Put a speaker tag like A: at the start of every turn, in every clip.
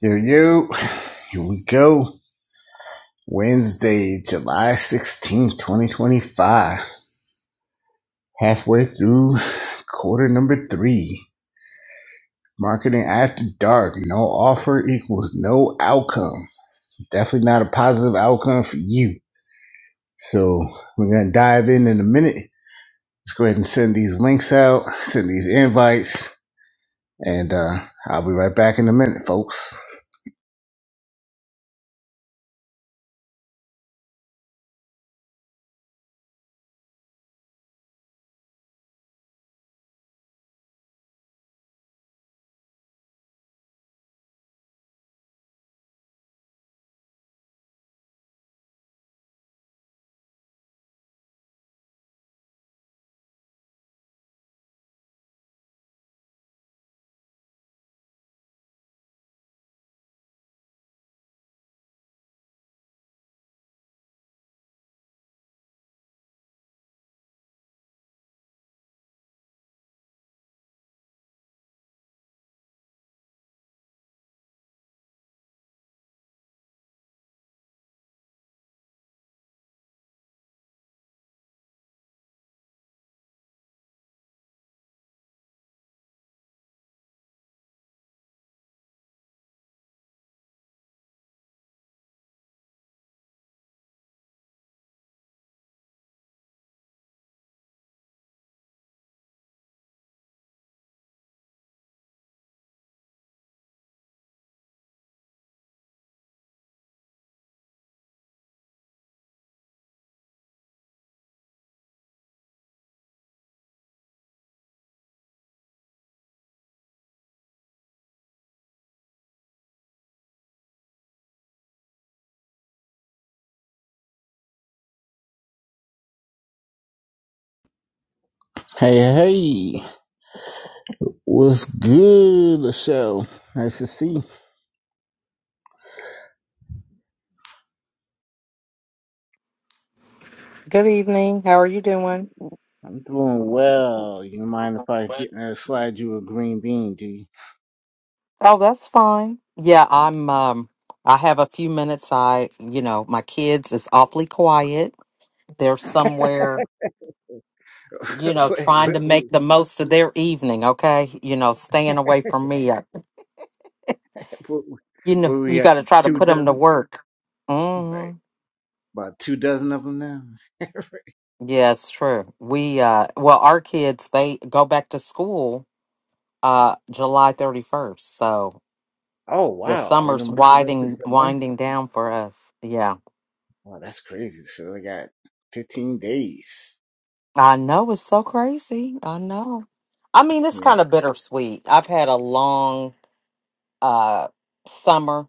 A: Yo, yo, here we go. Wednesday, July sixteenth, 2025. Halfway through quarter number three. Marketing after dark. No offer equals no outcome. Definitely not a positive outcome for you. So we're going to dive in in a minute. Let's go ahead and send these links out, send these invites, and uh, I'll be right back in a minute, folks. Hey, hey, what's good, Lachelle? Nice to see you.
B: Good evening. How are you doing?
A: I'm doing well. You mind if I get uh, slide you a green bean, do you?
B: Oh, that's fine. Yeah, I'm um I have a few minutes. I, you know, my kids is awfully quiet. They're somewhere, you know,
A: Wait,
B: trying
A: what,
B: to make the most of their evening, okay? You know, staying away from me. I,
A: what,
B: you
A: what
B: know,
A: we
B: you
A: got?
B: got to try to
A: Two
B: put them to
A: dozen?
B: work.
A: Right.
B: Mhm.
A: About two dozen of them now?
B: Yes, true. We uh well, our kids they go back to school uh July 31st. So,
A: Oh,
B: the
A: wow. They
B: summer's
A: done moved it up to
B: winding
A: July?
B: winding down for us. Yeah.
A: Wow, that's crazy. So they got 15 days.
B: I know it's so crazy. I know. I mean, it's
A: Yeah.
B: kind of bittersweet. I've had a long uh summer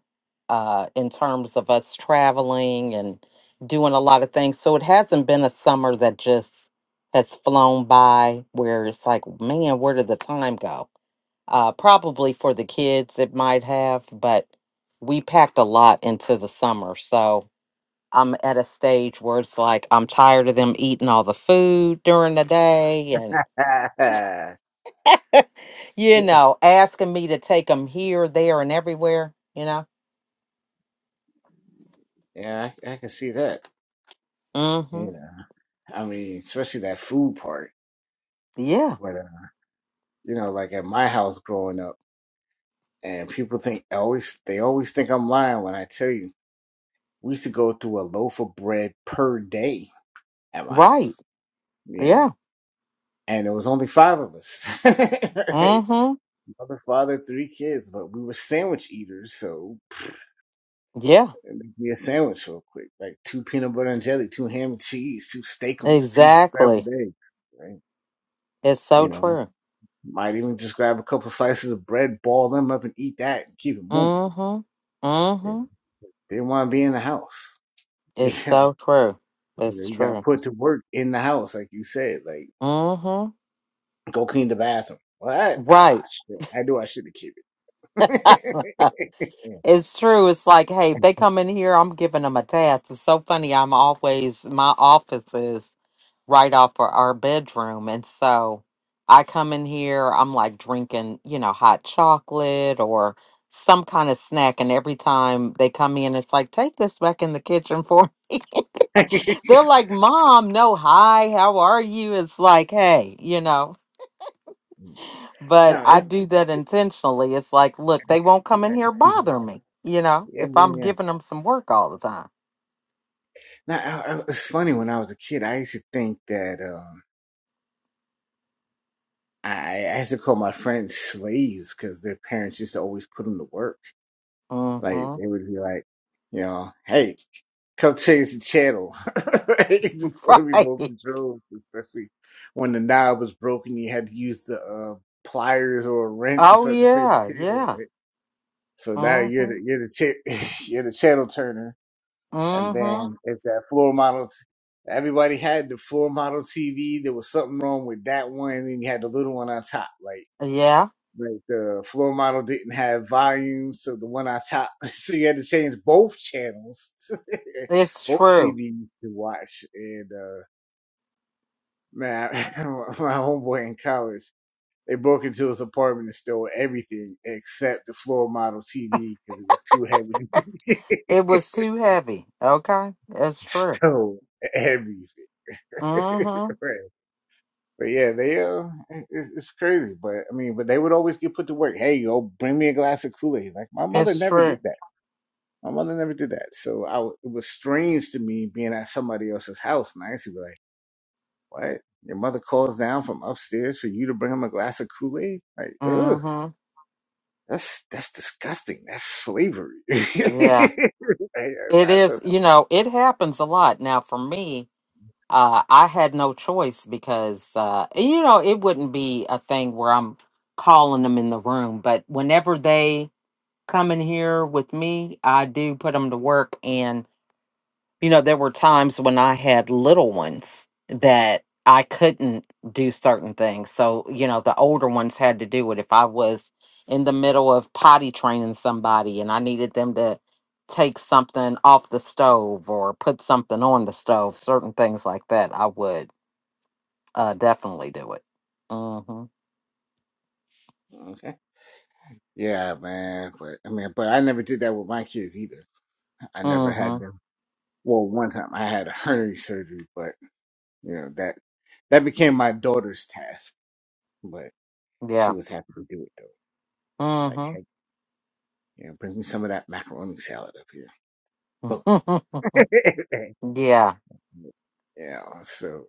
B: uh in terms of us traveling and doing a lot of things. So it hasn't been a summer that just has flown by where it's like, man, where did the time go? Uh probably for the kids it might have, but we packed a lot into the summer. So I'm at a stage where it's like I'm tired of them eating all the food during the day and you know, asking me to take them here, there and everywhere, you know.
A: Yeah, I, I can see that.
B: mm
A: You
B: Mhm.
A: know, I mean, especially that food part.
B: Yeah.
A: But uh, you know, like at my house growing up, and people think always they always think I'm lying when I tell you. we used to go through a loaf of bread per day at my
B: Right.
A: house, you know,
B: Yeah.
A: and it was only five of us. Right?
B: mm Mhm.
A: Mother, father, three kids, but we were sandwich eaters, so
B: Yeah.
A: we a sandwich real quick, like two peanut butter and jelly, two ham and cheese, two steakums, two scrambled
B: Exactly.
A: eggs, right?
B: It's so
A: You know,
B: true.
A: might even just grab a couple slices of bread, ball them up, and eat that, and keep it moving.
B: mm Mhm. mm
A: They
B: Mhm.
A: Didn't want to be in the house, you
B: It's
A: know.
B: so true.
A: You know,
B: It's
A: you got
B: true.
A: put to work in the house, like you said, like
B: mm Mhm.
A: Go clean the bathroom. What? Ah,
B: Right.
A: shit. I knew I shouldn't keep it.
B: it's true. It's like, hey, if they come in here, I'm giving them a task. It's so funny. I'm always my office is. right off of our bedroom. And so I come in here, I'm like drinking, you know, hot chocolate or some kind of snack. And every time they come in, it's like, take this back in the kitchen for me. They're like, Mom, no, hi, how are you? It's like, hey, you know, but
A: no,
B: I do
A: it's
B: that intentionally. It's like, look, they won't
A: yeah,
B: come in here
A: keep it
B: bother
A: alive.
B: me, you know,
A: yeah,
B: if
A: yeah.
B: I'm
A: yeah.
B: giving them some work all the time.
A: Now, I, I, it's funny when I was a kid, I used to think that um, I, I used to call my friends slaves because their parents used to always put them to work. Like
B: Mm-hmm.
A: they would be like, you know, hey, come change the channel right? before remote
B: Right.
A: controls, especially when the knob was broken. You had to use the uh, pliers or a wrench or
B: Oh,
A: something to turn
B: yeah.
A: the channel.
B: Yeah.
A: Right? So now you're
B: Mm-hmm.
A: the you're the cha- you're the channel turner. And
B: Mm-hmm.
A: then if that floor model, everybody had the floor model TV. There was something wrong with that one, and you had the little one on top. Like
B: Yeah,
A: like the floor model didn't have volume, so the one I top, so you had to change both channels,
B: it's
A: both
B: true.
A: TVs to watch. And uh man, my homeboy in college, they broke into his apartment and stole everything except the floor model TV because it was too heavy.
B: It
A: to
B: was too heavy. Okay, it's true.
A: stole everything.
B: Mm-hmm.
A: right. But yeah, they uh, it, it's it's crazy. But I mean, but they would always get put to work. Hey, yo, bring me a glass of Kool Aid. Like my mother
B: It's
A: never
B: true.
A: did My mother never did that. So I, w- it was strange to me being at somebody else's house. And I used to be like, what? Your mother calls down from upstairs for you to bring him a glass of Kool-Aid? Like, ugh,
B: Mm-hmm.
A: that's, that's disgusting. That's slavery. I
B: Yeah, it
A: I
B: is.
A: thought that,
B: You know, it happens a lot. Now, for me, uh, I had no choice because, uh, you know, it wouldn't be a thing where I'm calling them in the room, but whenever they come in here with me, I do put them to work and. you know, there were times when I had little ones that I couldn't do certain things. So, you know, the older ones had to do it. If I was in the middle of potty training somebody and I needed them to take something off the stove or put something on the stove, certain things like that, I would uh, definitely do it. Mm hmm.
A: okay. Yeah, man. But I mean, but I never did that with my kids either. I never had
B: Mm
A: them. Well, one time I had a hernia surgery, but you know, that, that became my daughter's task, but
B: hmm.
A: she
B: Yeah.
A: was happy to do it though. Like,
B: Mm
A: Yeah, bring me some of that macaroni salad up here. Boom.
B: hmm. yeah.
A: Yeah, so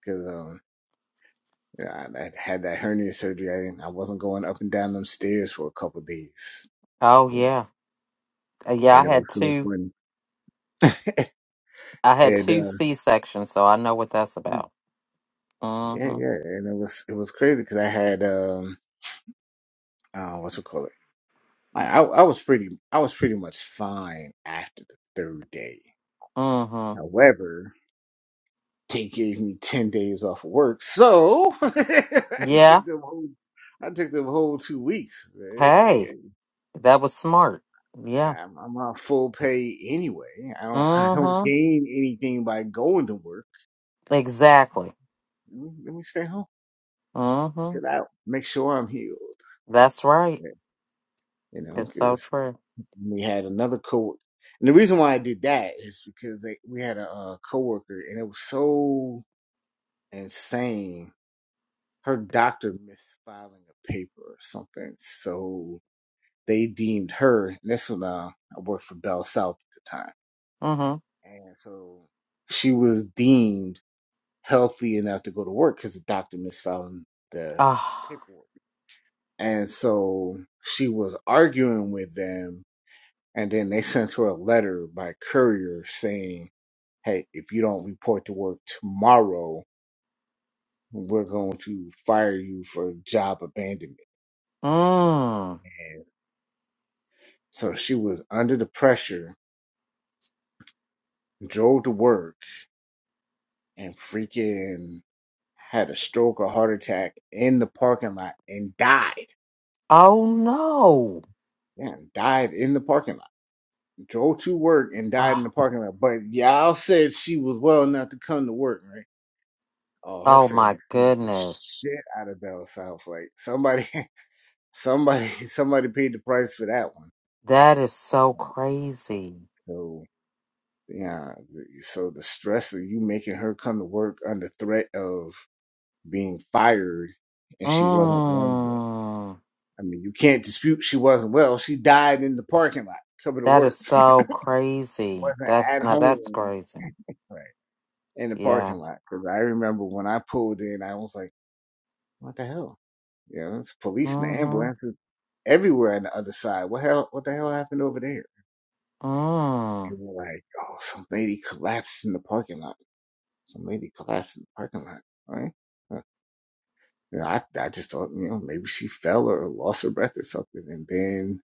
A: because um, you know, I, I had that hernia surgery, I didn't, I wasn't going up and down them stairs for a couple days.
B: Oh,
A: Yeah,
B: yeah. Uh, Yeah. I
A: and it
B: had
A: was so
B: two.
A: funny.
B: I had
A: And
B: two
A: uh,
B: C sections, so I know what that's
A: yeah,
B: about.
A: yeah,
B: Mm-hmm.
A: and it was it was crazy because I had um, uh, what you call it? I, I I was pretty I was pretty much fine after the third day.
B: Mm-hmm.
A: However, they gave me 10 days off of work. So I
B: Yeah.
A: took them whole I took them whole two weeks. man. Like,
B: Hey,
A: eh,
B: that was smart. Yeah.
A: I'm, I'm on full pay anyway. I don't I don't
B: Mm-hmm.
A: gain anything by going to work.
B: Exactly.
A: Let me, let me stay home.
B: Mm-hmm.
A: Sit out. Make sure I'm healed.
B: That's right.
A: Yeah, You know,
B: It's so
A: because
B: true.
A: we had another co and the reason why I did that is because they, we had a, uh coworker and it was so insane. Her doctor missed filing a paper or something so they deemed her and this was uh, I worked for Bell South at the time,
B: Mm-hmm.
A: and so she was deemed healthy enough to go to work because the doctor misfound the
B: Ah.
A: paperwork, and so she was arguing with them, and then they sent her a letter by courier saying, "Hey, if you don't report to work tomorrow." We're going to fire you for job abandonment.
B: mm.
A: And so she was under the pressure, drove to work, and freaking had a stroke or heart attack in the parking lot and died.
B: Oh no.
A: Yeah, died in the parking lot. Drove to work and died in
B: Ah.
A: the parking lot. But y'all said she was well enough to come to work, right? Oh, her
B: Oh
A: family
B: my
A: sued the
B: goodness.
A: shit out of Bell South. Like somebody, somebody, somebody paid the price for that one.
B: That is so
A: Like
B: crazy.
A: so, yeah. th- So the stress of you making her come to work under threat of being fired, and she wasn't well.
B: Mm.
A: I mean, you can't dispute she wasn't well. She died in the parking lot, coming to
B: That is
A: work.
B: so crazy.
A: wasn't
B: That's
A: at
B: not that's
A: home
B: crazy.
A: right. in the
B: Yeah.
A: parking lot. Because I remember when I pulled in, I was like, what the hell? You know, it's police and
B: Mm-hmm.
A: ambulances everywhere on the other side. What hell? What the hell happened over there?
B: Mm.
A: They were like, oh, some lady collapsed in the parking lot. Some lady collapsed in the parking lot. Right? Uh, You know, I I just thought, you know, maybe she fell or lost her breath or something, and then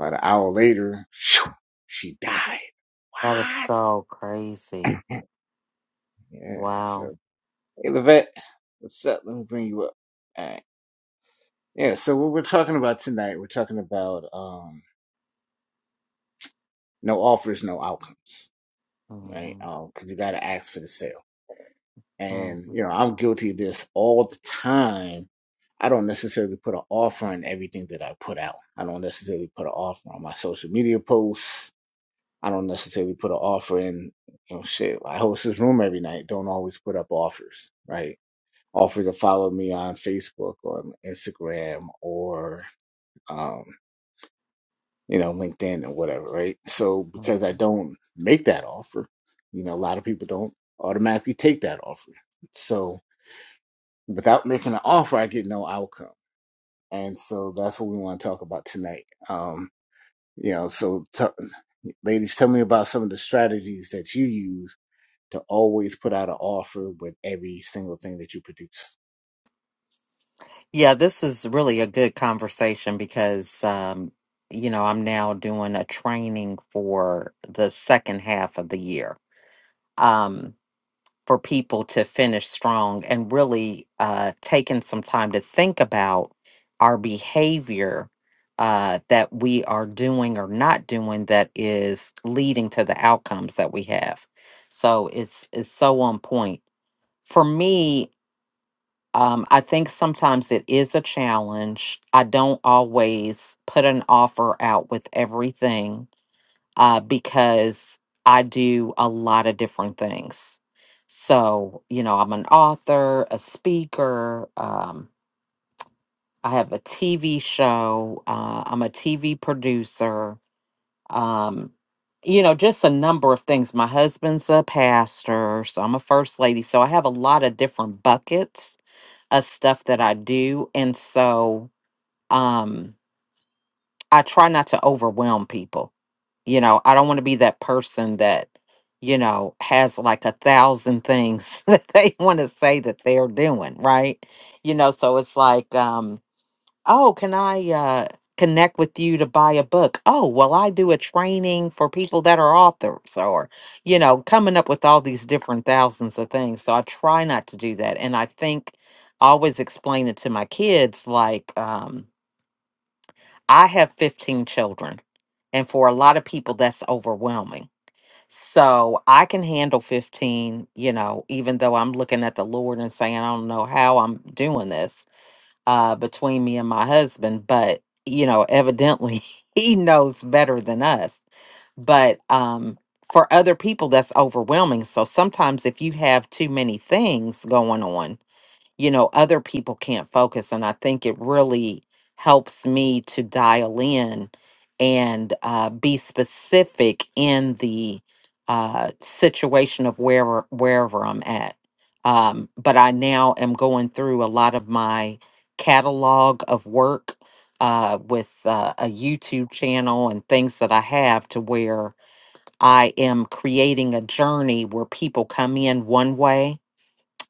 A: About an hour later, shoo, she died.
B: That is
A: What?
B: so crazy.
A: Yeah.
B: Wow.
A: So, hey, Levette, what's up? Let me bring you up. All right. Yeah. So, what we're talking about tonight, we're talking about um, no offers, no outcomes, right?
B: Mhm,
A: Because you got to ask for the sale. And,
B: mhm,
A: you know, I'm guilty of this all the time. I don't necessarily put an offer on everything that I put out. I don't necessarily put an offer on my social media posts. I don't necessarily put an offer in, you know, shit. Like, I host this room every night. Don't always put up offers, right? Offer to follow me on Facebook or Instagram or, um, you know, LinkedIn or whatever, right? So
B: mhm.
A: because I don't make that offer, you know, a lot of people don't automatically take that offer. So without making an offer, I get no outcome. And so that's what we want to talk about tonight. Um, you know, so t- ladies, tell me about some of the strategies that you use to always put out an offer with every single thing that you produce.
B: Yeah, this is really a good conversation because, um, you know, I'm now doing a training for the second half of the year um, for people to finish strong and really uh, taking some time to think about our behavior uh, that we are doing or not doing that is leading to the outcomes that we have. So it's it's so on point for me. Um, I think sometimes it is a challenge. I don't always put an offer out with everything uh, because I do a lot of different things. So, you know, I'm an author, a speaker, um, I have a TV show, uh, I'm a TV producer, um, you know, just a number of things. My husband's a pastor, so I'm a first lady. So I have a lot of different buckets of stuff that I do. And so um, I try not to overwhelm people. You know, I don't want to be that person that, you know, has like a thousand things that they want to say that they're doing, right? You know, so it's like, um, oh, can I uh, connect with you to buy a book? Oh, well, I do a training for people that are authors or, you know, coming up with all these different thousands of things. So I try not to do that. And I think I always explain it to my kids like, um, I have 15 children. And for a lot of people, that's overwhelming. So I can handle 15, you know, even though I'm looking at the Lord and saying, I don't know how I'm doing this uh, between me and my husband, but you know, evidently he knows better than us. But um, for other people, that's overwhelming. So sometimes if you have too many things going on, you know, other people can't focus. And I think it really helps me to dial in and uh, be specific in the uh, situation of wherever wherever I'm at. Um, but I now am going through a lot of my catalog of work uh, with uh, a YouTube channel and things that I have to where I am creating a journey where people come in one way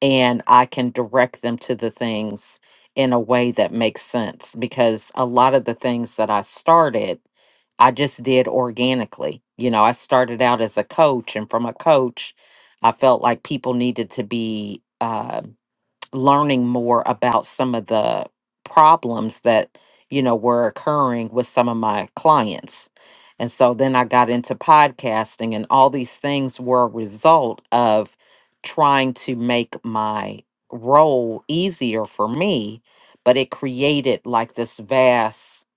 B: and I can direct them to the things in a way that makes sense because a lot of the things that I started, I just did organically. You know, I started out as a coach, and from a coach, I felt like people needed to be. um learning more about some of the problems that you know were occurring with some of my clients and so then i got into podcasting and all these things were a result of trying to make my role easier for me but it created like this vast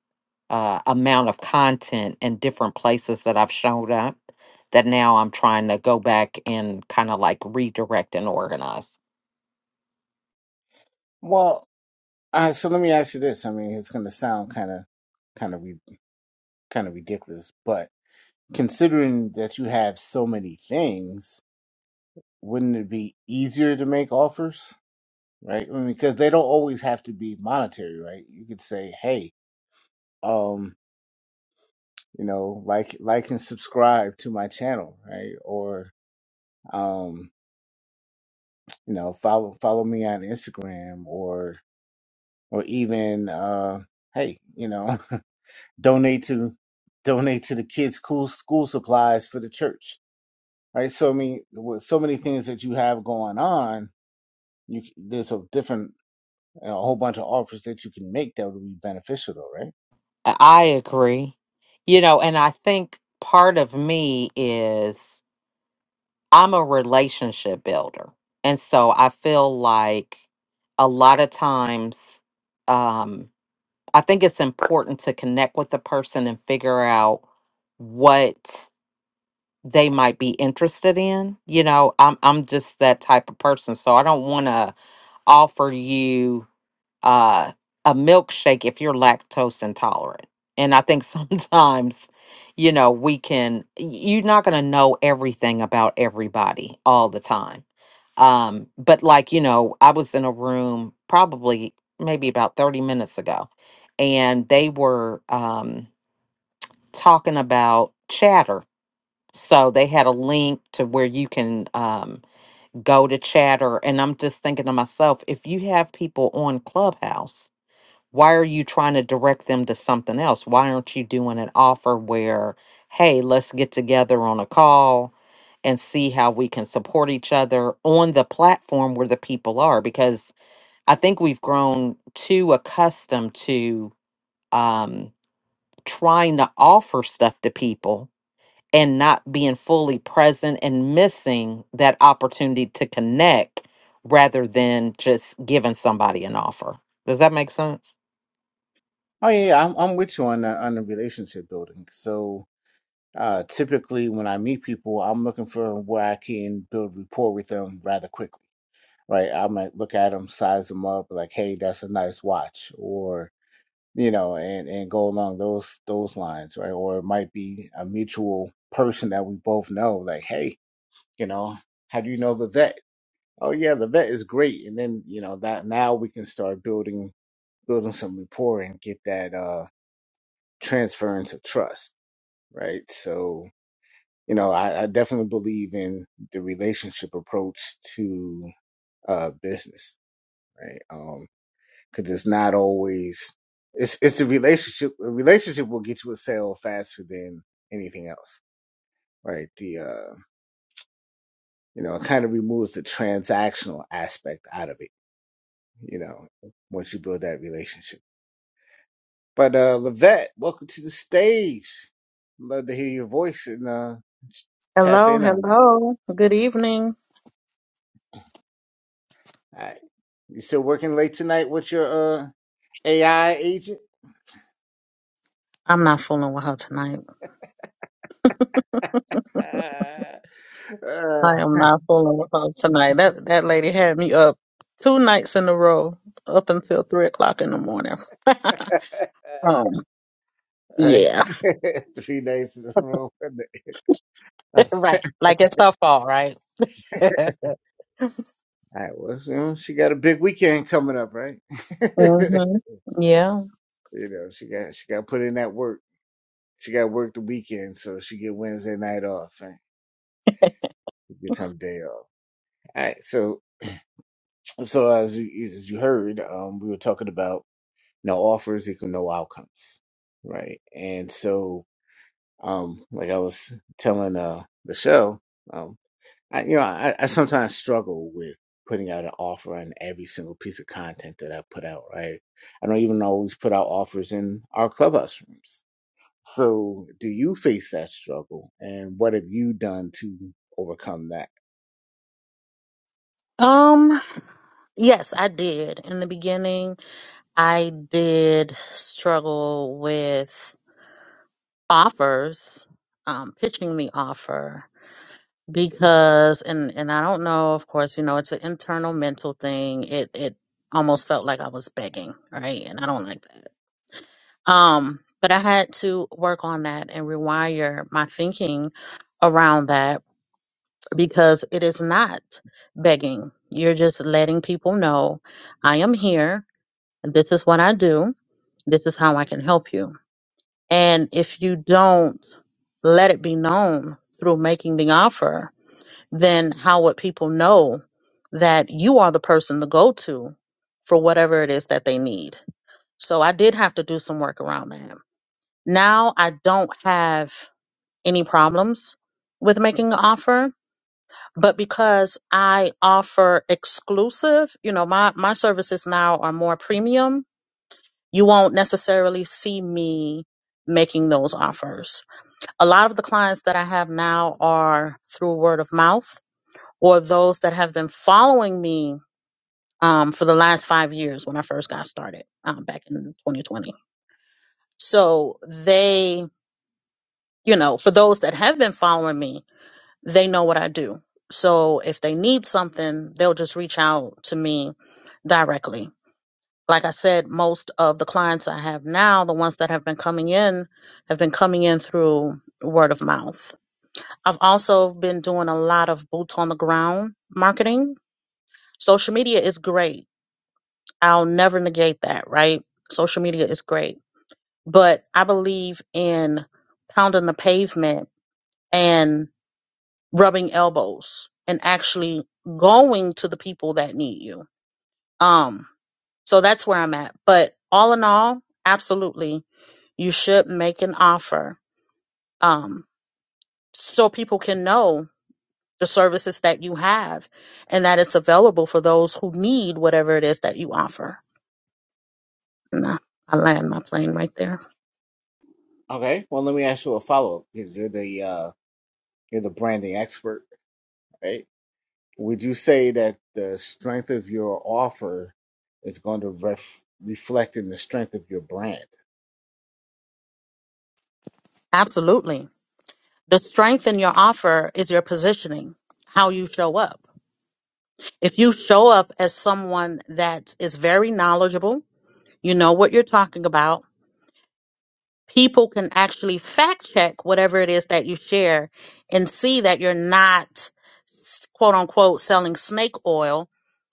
B: uh, amount of content in different places that i've shown up that now i'm trying to go back and kind of like redirect and organize
A: Well, uh, so let me ask you this. I mean, it's going to sound kind of, kind of, re- kind of ridiculous, but considering that you have so many things, wouldn't it be easier to make offers, right? I mean, because they don't always have to be monetary, right? You could say, hey, um, you know, like, like, and subscribe to my channel, right? Or, um, you know, follow, follow me on Instagram, or or even uh hey you know donate to donate to the kids cool school supplies for the church right so I mean with so many things that you have going on you c- there's a different a whole bunch of offers that you can make that would be beneficial though right
B: I I agree. You know, and I think part of me is I'm a relationship builder. And so I feel like a lot of times um I think it's important to connect with the person and figure out what they might be interested in. You know, I'm I'm just that type of person, so I don't want to offer you uh, a milkshake if you're lactose intolerant. And I think sometimes, you know, we can, y- you're not going to know everything about everybody all the time. Um, but like, you know, I was in a room probably maybe about 30 minutes ago, and they were um, talking about chatter. So they had a link to where you can um, go to chatter. And I'm just thinking to myself, if you have people on Clubhouse, why are you trying to direct them to something else? Why aren't you doing an offer where, hey, let's get together on a call and see how we can support each other on the platform where the people are? Because I think we've grown too accustomed to um, trying to offer stuff to people and not being fully present and missing that opportunity to connect rather than just giving somebody an offer. Does that make sense?
A: oh yeah, yeah I'm, I'm with you on the on the relationship building so uh typically when I meet people I'm looking for where I can build rapport with them rather quickly right I might look at them size them up like hey that's a nice watch or you know, and and go along those those lines, right? Or it might be a mutual person that we both know, like, hey, you know, how do you know the vet? Oh yeah, the vet is great, and then you know that now we can start building building some rapport and get that uh transference of trust, right? So you know, I, I definitely believe in the relationship approach to uh business, right? Um. because it's not always it's it's the relationship a relationship will get you a sale faster than anything else right the uh you know it kind of removes the transactional aspect out of it you know once you build that relationship but uh levette welcome to the stage love to hear your voice and uh tap
C: Hello,
A: in on us
C: hello. Good evening.
A: all right you still working late tonight with your uh ai agent
C: I'm not fooling with her tonight.
A: uh, uh,
C: I am not fooling with her tonight. That that lady had me up two nights in a row, up until three o'clock in the morning. um,
A: uh,
C: yeah,
A: three nights in a row All
C: right. Like it's her fault, right?
A: right, well, so, you she got a big weekend coming up, right? you
C: hmm Yeah.
A: know, she got she got put in that work. She got work the weekend, so she get Wednesday night off. Right? She gets her day off. All right, so so as you, as you heard, um, we were talking about no offers equal no outcomes, right? And so, um, like I was telling uh Michelle, um, I, you know, I, I sometimes struggle with putting out an offer on every single piece of content that I put out, right? I don't even always put out offers in our clubhouse rooms. So, do you face that struggle and what have you done to overcome that?
C: Um. Yes, I did. In the beginning, I did struggle with offers, um, pitching the offer. because and and I don't know, of course, you know, it's an internal mental thing. It it almost felt like I was begging, right? And I don't like that. Um, but I had to work on that and rewire my thinking around that because it is not begging. You're just letting people know I am here, this is what I do, this is how I can help you. And if you don't let it be known through making the offer, then how would people know that you are the person to go to for whatever it is that they need? So I did have to do some work around that. Now I don't have any problems with making an offer, but because I offer exclusive, you know, my, my services now are more premium, you won't necessarily see me making those offers. A lot of the clients that I have now are through word of mouth or those that have been following me um, for the last five years when I first got started um, back in 2020. So they, you know, for those that have been following me, they know what I do. So if they need something, they'll just reach out to me directly. Like I said, most of the clients I have now, the ones that have been coming in, have been coming in through word of mouth. I've also been doing a lot of boots on the ground marketing. Social media is great I'll never negate that, right? Social media is great, but I believe in pounding the pavement and rubbing elbows and actually going to the people that need you. Um, so that's where I'm at. But all in all, absolutely, you should make an offer um, so people can know the services that you have and that it's available for those who need whatever it is that you offer. And I, I land my plane right there.
A: Okay. Well, let me ask you a follow up because you're the, uh, you're the branding expert, right? Would you say that the strength of your offer is going to ref- reflect in the strength of your brand?
C: Absolutely. The strength in your offer is your positioning, how you show up. If you show up as someone that is very knowledgeable, you know what you're talking about, people can actually fact check whatever it is that you share and see that you're not quote unquote selling snake oil,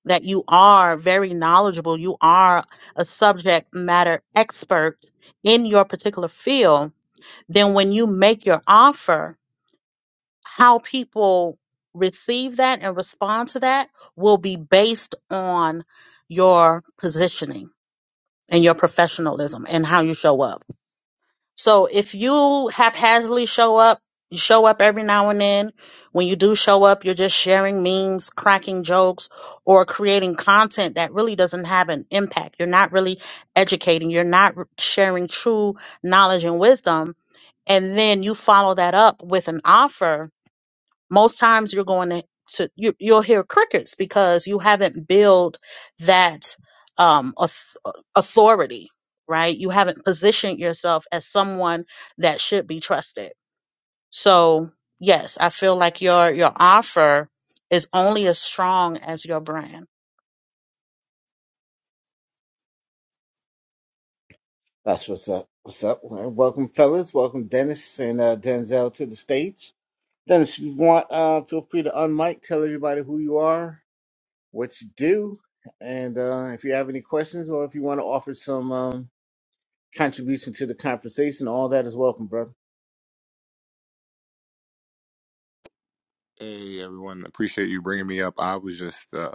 C: that you are very knowledgeable, you are a subject matter expert in your particular field, then when you make your offer, how people receive that and respond to that will be based on your positioning and your professionalism and how you show up. So if you haphazardly show up, you show up every now and then. When you do show up, you're just sharing memes, cracking jokes, or creating content that really doesn't have an impact. You're not really educating. You're not r- sharing true knowledge and wisdom. And then you follow that up with an offer most times you're going to, to you, you'll hear crickets because you haven't built that um, auth- authority right you haven't positioned yourself as someone that should be trusted so yes i feel like your your offer is only as strong as your brand
A: That's what's up. What's up, man? Welcome, fellas. Welcome, Dennis and uh, Denzel, to the stage. Dennis, if you want, uh, feel free to unmic, tell everybody who you are, what you do, and uh, if you have any questions or if you want to offer some um, contribution to the conversation, all that is welcome, brother.
D: Hey everyone, appreciate you bringing me up. I was just uh,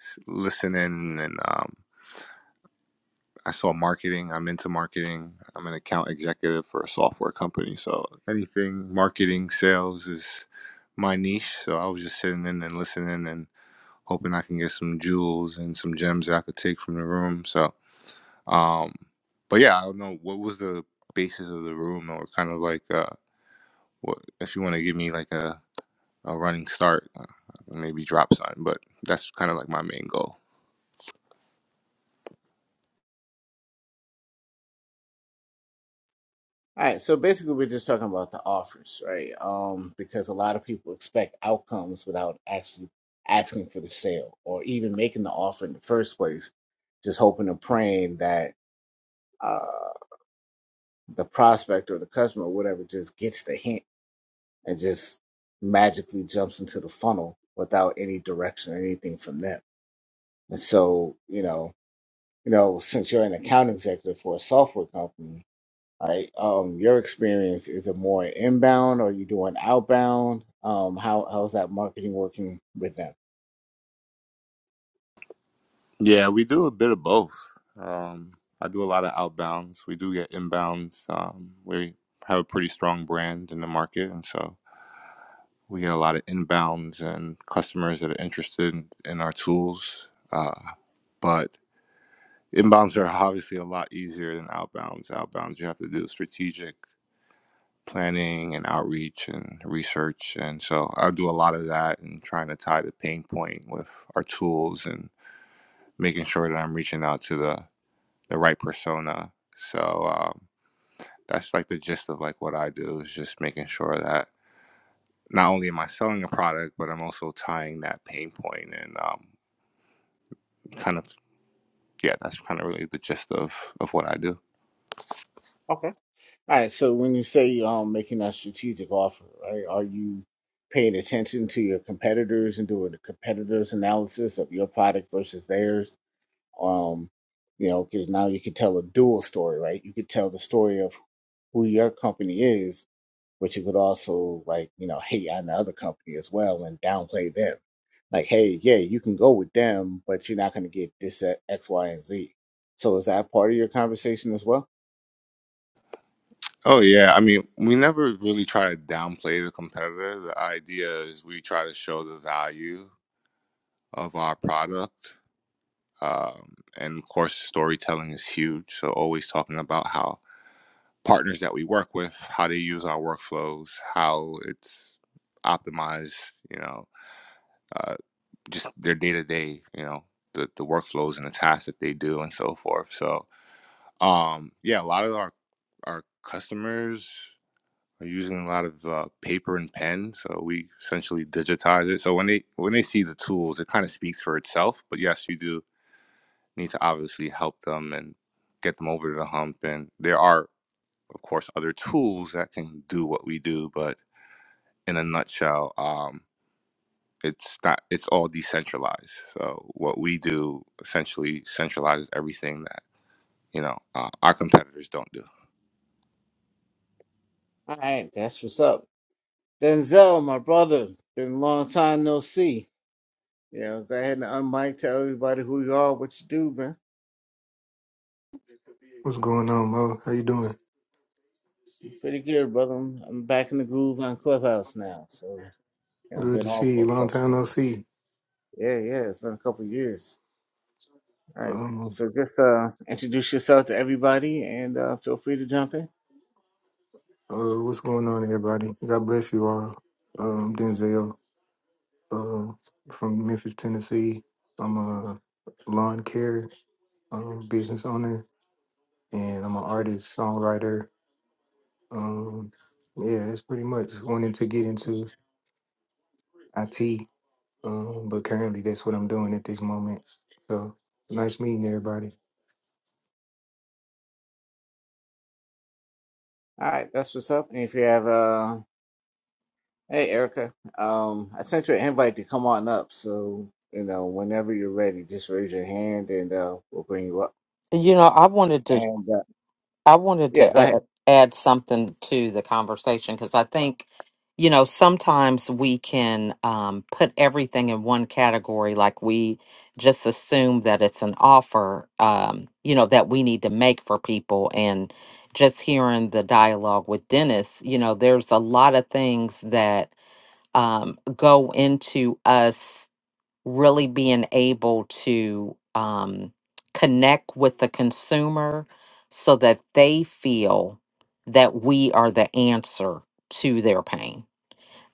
D: s- listening, and um, I saw marketing. I'm into marketing. I'm an account executive for a software company, so anything marketing, sales is my niche. So I was just sitting in and listening, and hoping I can get some jewels and some gems that I could take from the room. So, um, but yeah, I don't know what was the basis of the room, or kind of like uh, what if you want to give me like a a running start, uh, maybe drop something. But that's kind of like my main goal.
A: All right, so basically, we're just talking about the offers, right? Um, because a lot of people expect outcomes without actually asking for the sale or even making the offer in the first place, just hoping and praying that. uh, the prospect or the customer or whatever just gets the hint and just magically jumps into the funnel without any direction or anything from them. And so, you know, you know, since you're an account executive for a software company, right? Um, your experience is it more inbound or you doing outbound? Um, how how's that marketing working with them?
D: Yeah, we do a bit of both. Um, I do a lot of outbounds. We do get inbounds. Um, we have a pretty strong brand in the market, and so we get a lot of inbounds and customers that are interested in, in our tools. Uh, but inbounds are obviously a lot easier than outbounds. Outbounds, you have to do strategic. planning and outreach and research. And so I do a lot of that and trying to tie the pain point with our tools and making sure that I'm reaching out to the, the right persona. So um, that's like the gist of like what I do is just making sure that not only am I selling a product, but I'm also tying that pain point and um, kind of, yeah, that's kind of really the gist of, of what I do.
A: All right. So when you say um making that strategic offer, right, are you paying attention to your competitors and doing the competitors analysis of your product versus theirs? Um, you know, because now you could tell a dual story, right? You could tell the story of who your company is, but you could also like you know hate on the other company as well and downplay them. Like, hey, yeah, you can go with them, but you're not going to get this at X, Y, and Z. So is that part of your conversation as well?
D: Oh yeah, I mean, we never really try to downplay the competitor. The idea is we try to show the value of our product. Um, and of course, storytelling is huge. So, always talking about how partners that we work with, how they use our workflows, how it's optimized, you know, uh, just their day to day, you know, the, the workflows and the tasks that they do and so forth. So, um, yeah, a lot of our, our customers are using a lot of uh, paper and pen. So we essentially digitize it. So when they, when they see the tools, it kind of speaks for itself, but yes, you do need to obviously help them and get them over the hump. And there are, of course, other tools that can do what we do, but in a nutshell, um, it's not. It's all decentralized. So what we do essentially centralizes everything that you know uh, our competitors don't do.
A: All right, that's what's up. Denzel, my brother, been a long time no see. You know, go ahead and unmic, tell everybody who you are, what you do, man.
E: What's going on, Mo? How you doing?
A: Pretty good, brother. I'm, I'm back in the groove on Clubhouse now, so you know, I've
E: Good
A: been
E: to
A: off
E: see
A: for
E: you.
A: a
E: Long
A: couple
E: time
A: of
E: no
A: years.
E: see.
A: Yeah, yeah, it's been a couple of years. All right,
E: Um,
A: so just uh, introduce yourself to everybody, and uh, feel free to jump in.
E: uh, what's going on, everybody? God bless you all. Um, Denzel, um, from Memphis, Tennessee. I'm a lawn care um, business owner, and I'm an artist, songwriter. Um, yeah, that's pretty much wanting to get into IT, um, but currently that's what I'm doing at this moment. So nice meeting everybody.
A: All right, that's what's up. And if you have uh, hey Erica, um, I sent you an invite to come on up, so you know, whenever you're ready, just raise your hand, and uh, we'll bring you up.
B: You know, I wanted to
A: And uh,
B: I wanted
A: Yeah,
B: to
A: go ahead.
B: add, add something to the conversation because I think, you know, sometimes we can um, put everything in one category, like we just assume that it's an offer, um, you know, that we need to make for people. And just hearing the dialogue with Dennis, you know, there's a lot of things that um, go into us really being able to um, connect with the consumer so that they feel that we are the answer to their pain.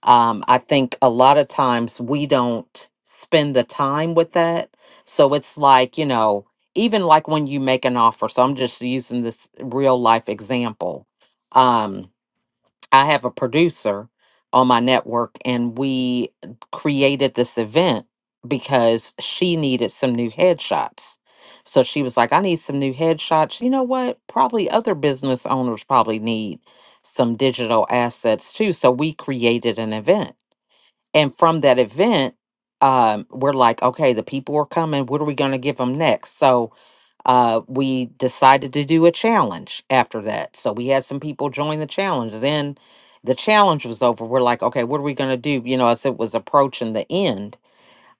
B: Um, I think a lot of times we don't spend the time with that. So it's like, you know, even like when you make an offer. So I'm just using this real life example. Um, I have a producer on my network, and we created this event because she needed some new headshots. So she was like, I need some new headshots. You know what? Probably other business owners probably need some digital assets too. So we created an event. And from that event, um, we're like, okay, the people are coming. What are we going to give them next? So uh, we decided to do a challenge after that. So we had some people join the challenge. Then the challenge was over. We're like, okay, what are we going to do? You know, as it was approaching the end,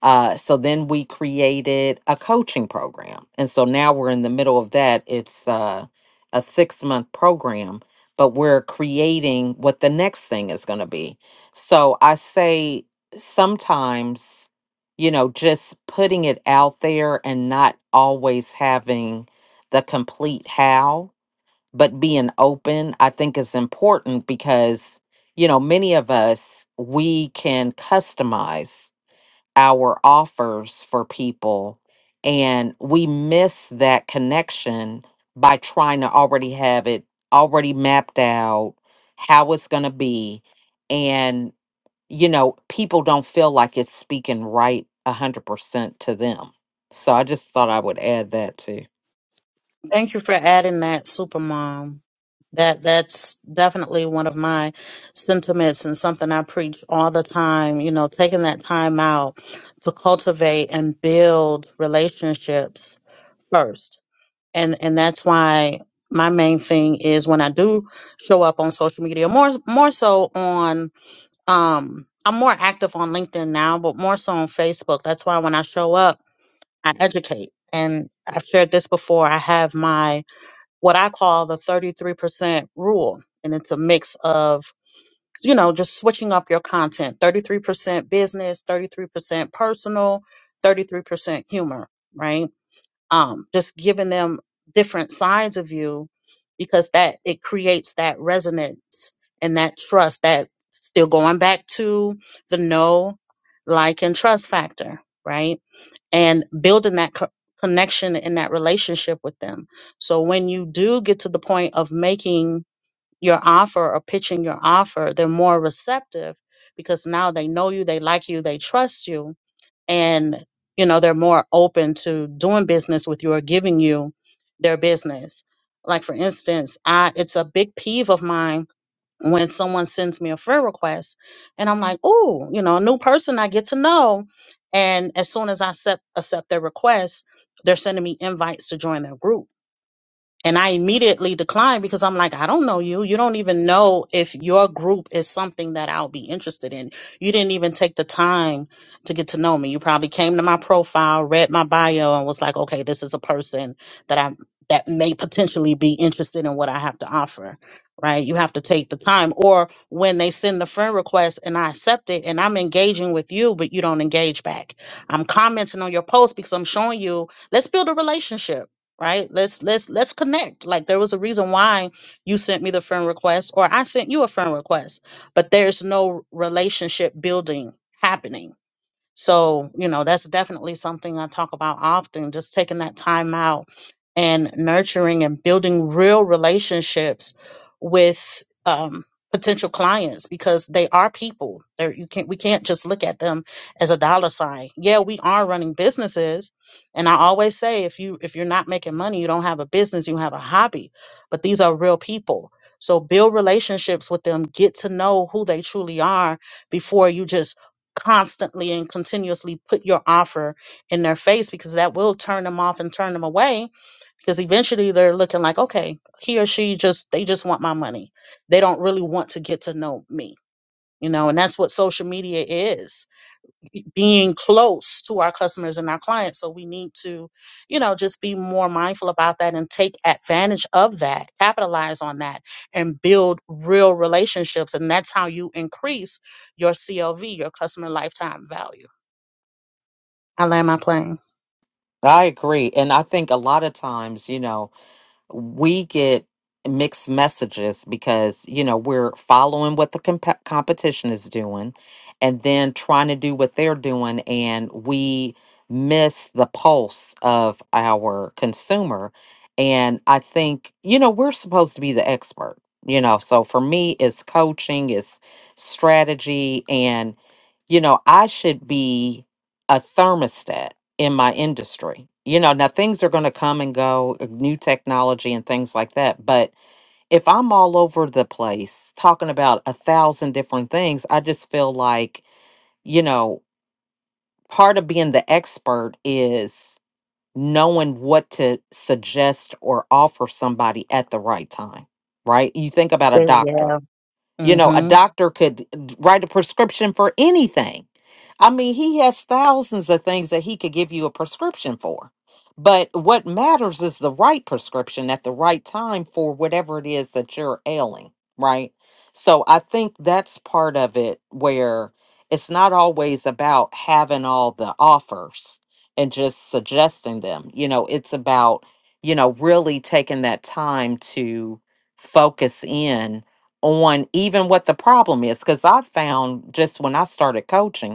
B: uh, so then we created a coaching program. And so now we're in the middle of that. It's uh, a six month program, but we're creating what the next thing is going to be. So I say sometimes, you know, just putting it out there and not always having the complete how, but being open, I think is important because, you know, many of us, we can customize our offers for people and we miss that connection by trying to already have it already mapped out how it's going to be and you know people don't feel like it's speaking right 100% to them so i just thought i would add that too
C: Thank you for adding that, Supermom. That that's definitely one of my sentiments and something I preach all the time. You know, taking that time out to cultivate and build relationships first, and and that's why my main thing is when I do show up on social media, more more so on um. I'm more active on LinkedIn now, but more so on Facebook. That's why when I show up, I educate. And I've shared this before. I have my what I call the 33% rule. And it's a mix of, you know, just switching up your content 33% business, 33% personal, 33% humor, right? Um, just giving them different sides of you because that it creates that resonance and that trust that still going back to the know, like, and trust factor, right? and building that co- connection and that relationship with them. So when you do get to the point of making your offer or pitching your offer, they're more receptive because now they know you, they like you, they trust you, and you know they're more open to doing business with you or giving you their business. Like for instance, I it's a big peeve of mine when someone sends me a friend request and I'm like, "Ooh, you know, a new person I get to know." And as soon as I accept accept their request, they're sending me invites to join their group. And I immediately declined because I'm like, I don't know you. You don't even know if your group is something that I'll be interested in. You didn't even take the time to get to know me. You probably came to my profile, read my bio, and was like, okay, this is a person that I that may potentially be interested in what I have to offer. Right. You have to take the time. Or when they send the friend request and I accept it and I'm engaging with you, but you don't engage back. I'm commenting on your post because I'm showing you, let's build a relationship right let's let's let's connect like there was a reason why you sent me the friend request or i sent you a friend request but there's no relationship building happening so, you know, that's definitely something I talk about often, just taking that time out and nurturing and building real relationships with um, potential clients because they are people. They're, you can't, we can't just look at them as a dollar sign. Yeah, we are running businesses. And I always say, if you, if you're not making money, you don't have a business, you have a hobby, but these are real people. So build relationships with them, get to know who they truly are before you just constantly and continuously put your offer in their face because that will turn them off and turn them away because eventually they're looking like okay he or she just they just want my money they don't really want to get to know me you know and that's what social media is be- being close to our customers and our clients so we need to you know just be more mindful about that and take advantage of that capitalize on that and build real relationships and that's how you increase your CLV your customer lifetime value I land my plane.
B: i agree and i think a lot of times you know we get mixed messages because you know we're following what the comp- competition is doing and then trying to do what they're doing and we miss the pulse of our consumer and i think you know we're supposed to be the expert you know so for me it's coaching it's strategy and you know i should be a thermostat in my industry. You know, now things are going to come and go, uh, new technology and things like that. But if I'm all over the place talking about a thousand different things, I just feel like, you know, part of being the expert is knowing what to suggest or offer somebody at the right time, right? You think about a doctor.
C: Yeah.
B: You know, a
C: hmm
B: doctor could d- write a prescription for anything I mean, he has thousands of things that he could give you a prescription for. But what matters is the right prescription at the right time for whatever it is that you're ailing, right? So I think that's part of it where it's not always about having all the offers and just suggesting them. You know, it's about, you know, really taking that time to focus in on even what the problem is. Because I found just when I started coaching,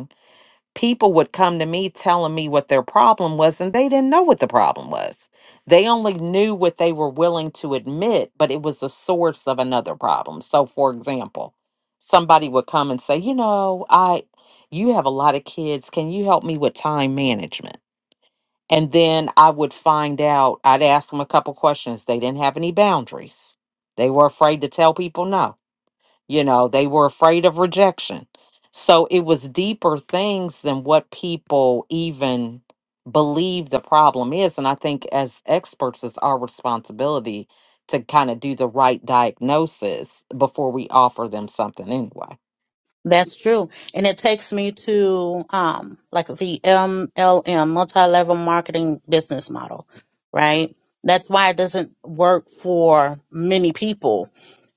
B: people would come to me telling me what their problem was and they didn't know what the problem was they only knew what they were willing to admit but it was the source of another problem so for example somebody would come and say you know i you have a lot of kids can you help me with time management and then i would find out i'd ask them a couple questions they didn't have any boundaries they were afraid to tell people no you know, they were afraid of rejection. So it was deeper things than what people even believe the problem is. And I think as experts, it's our responsibility to kind of do the right diagnosis before we offer them something anyway.
C: That's true. And it takes me to um like the MLM, multi-level marketing business model, right? That's why it doesn't work for many people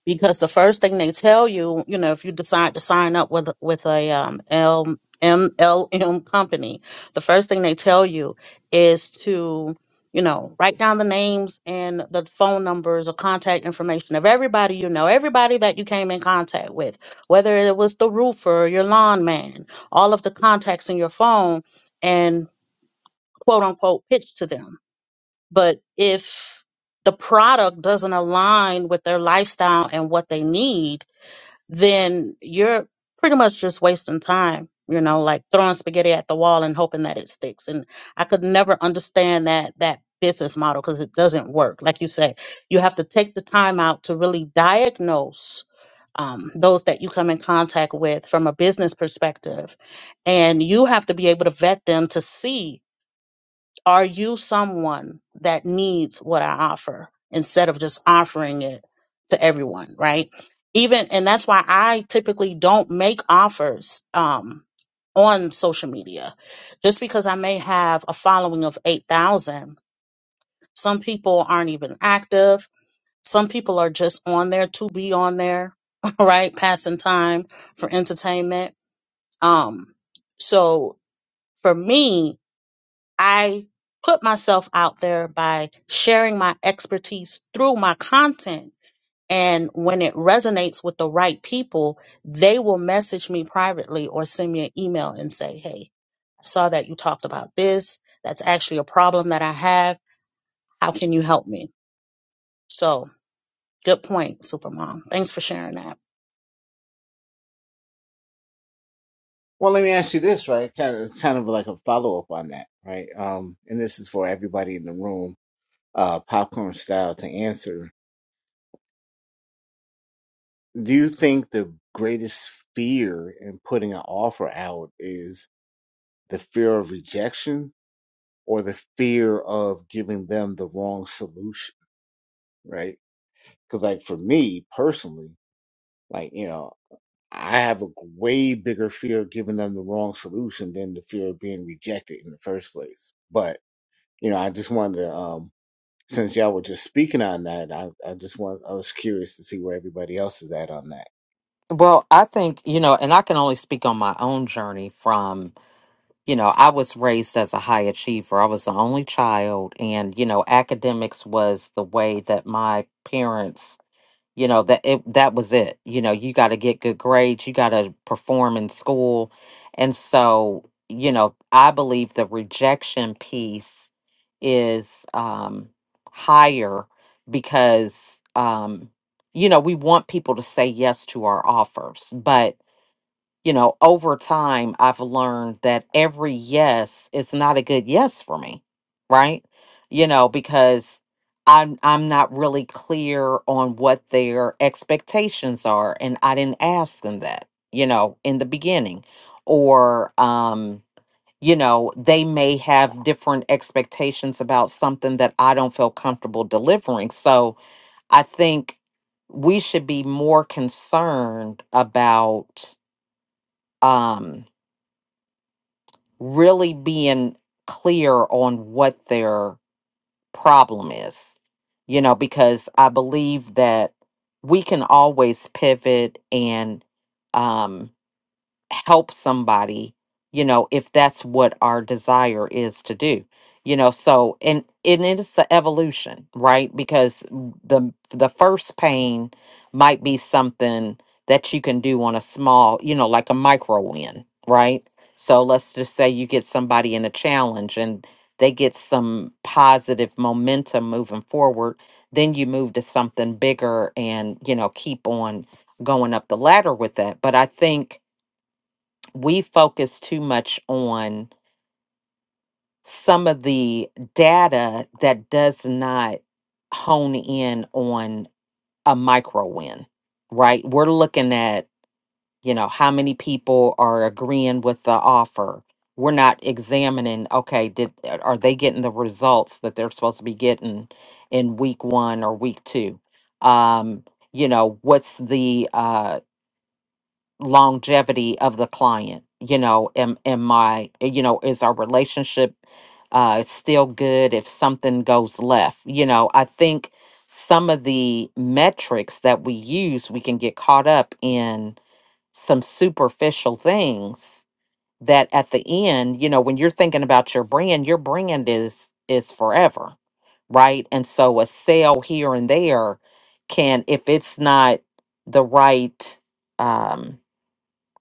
C: because the first thing they tell you, you know, if you decide to sign up with with a um L, MLM company, the first thing they tell you is to, you know, write down the names and the phone numbers or contact information of everybody you know, everybody that you came in contact with whether it was the roofer, your lawn man, all of the contacts in your phone, and quote unquote pitch to them. But if the product doesn't align with their lifestyle and what they need, then you're pretty much just wasting time, you know, like throwing spaghetti at the wall and hoping that it sticks. And I could never understand that that business model because it doesn't work. Like you say, you have to take the time out to really diagnose um, those that you come in contact with from a business perspective. And you have to be able to vet them to see are you someone that needs what I offer instead of just offering it to everyone, right? Even, and that's why I typically don't make offers um, on social media. Just because I may have a following of 8,000, some people aren't even active some people are just on there to be on there, right? Passing time for entertainment. Um, so for me, I put myself out there by sharing my expertise through my content. And when it resonates with the right people, they will message me privately or send me an email and say, Hey, I saw that you talked about this. That's actually a problem that I have. How can you help me? So good point, Supermom. Thanks for sharing that.
A: Well, let me ask you this, right? Kind of, kind of like a follow up on that, right? Um, and this is for everybody in the room, uh, popcorn style to answer. Do you think the greatest fear in putting an offer out is the fear of rejection or the fear of giving them the wrong solution, right? Because, like, for me personally, like, you know, I have a way bigger fear of giving them the wrong solution than the fear of being rejected in the first place. But you know, I just wanted to, um, since y'all were just speaking on that, I, I just want, I was curious to see where everybody else is at on that.
B: Well, I think, you know, and I can only speak on my own journey from, you know, I was raised as a high achiever. I was the only child, and, you know, academics was the way that my parents you know that it that was it you know you got to get good grades you got to perform in school and so you know i believe the rejection piece is um higher because um you know we want people to say yes to our offers but you know, over time, I've learned that every yes is not a good yes for me, right? You know, because I'm I'm not really clear on what their expectations are, and I didn't ask them that, you know, in the beginning, or um, you know, they may have different expectations about something that I don't feel comfortable delivering. So I think we should be more concerned about. Um, really being clear on what their problem is, you know, because I believe that we can always pivot and, um, help somebody, you know, if that's what our desire is to do. You know, so and and it is the evolution, right? Because the the first pain might be something that you can do on a small, you know, like a micro win, right? So let's just say you get somebody in a challenge and they get some positive momentum moving forward, then you move to something bigger and, you know, keep on going up the ladder with that. But I think we focus too much on some of the data that does not hone in on a micro win, right? We're looking at, you know, how many people are agreeing with the offer. We're not examining, okay, did uh, are they getting the results that they're supposed to be getting in week one or week two? Um, you know, what's the uh longevity of the client you know am am my you know is our relationship uh still good if something goes left you know i think some of the metrics that we use we can get caught up in some superficial things that at the end you know when you're thinking about your brand your brand is is forever right and so a sale here and there can if it's not the right um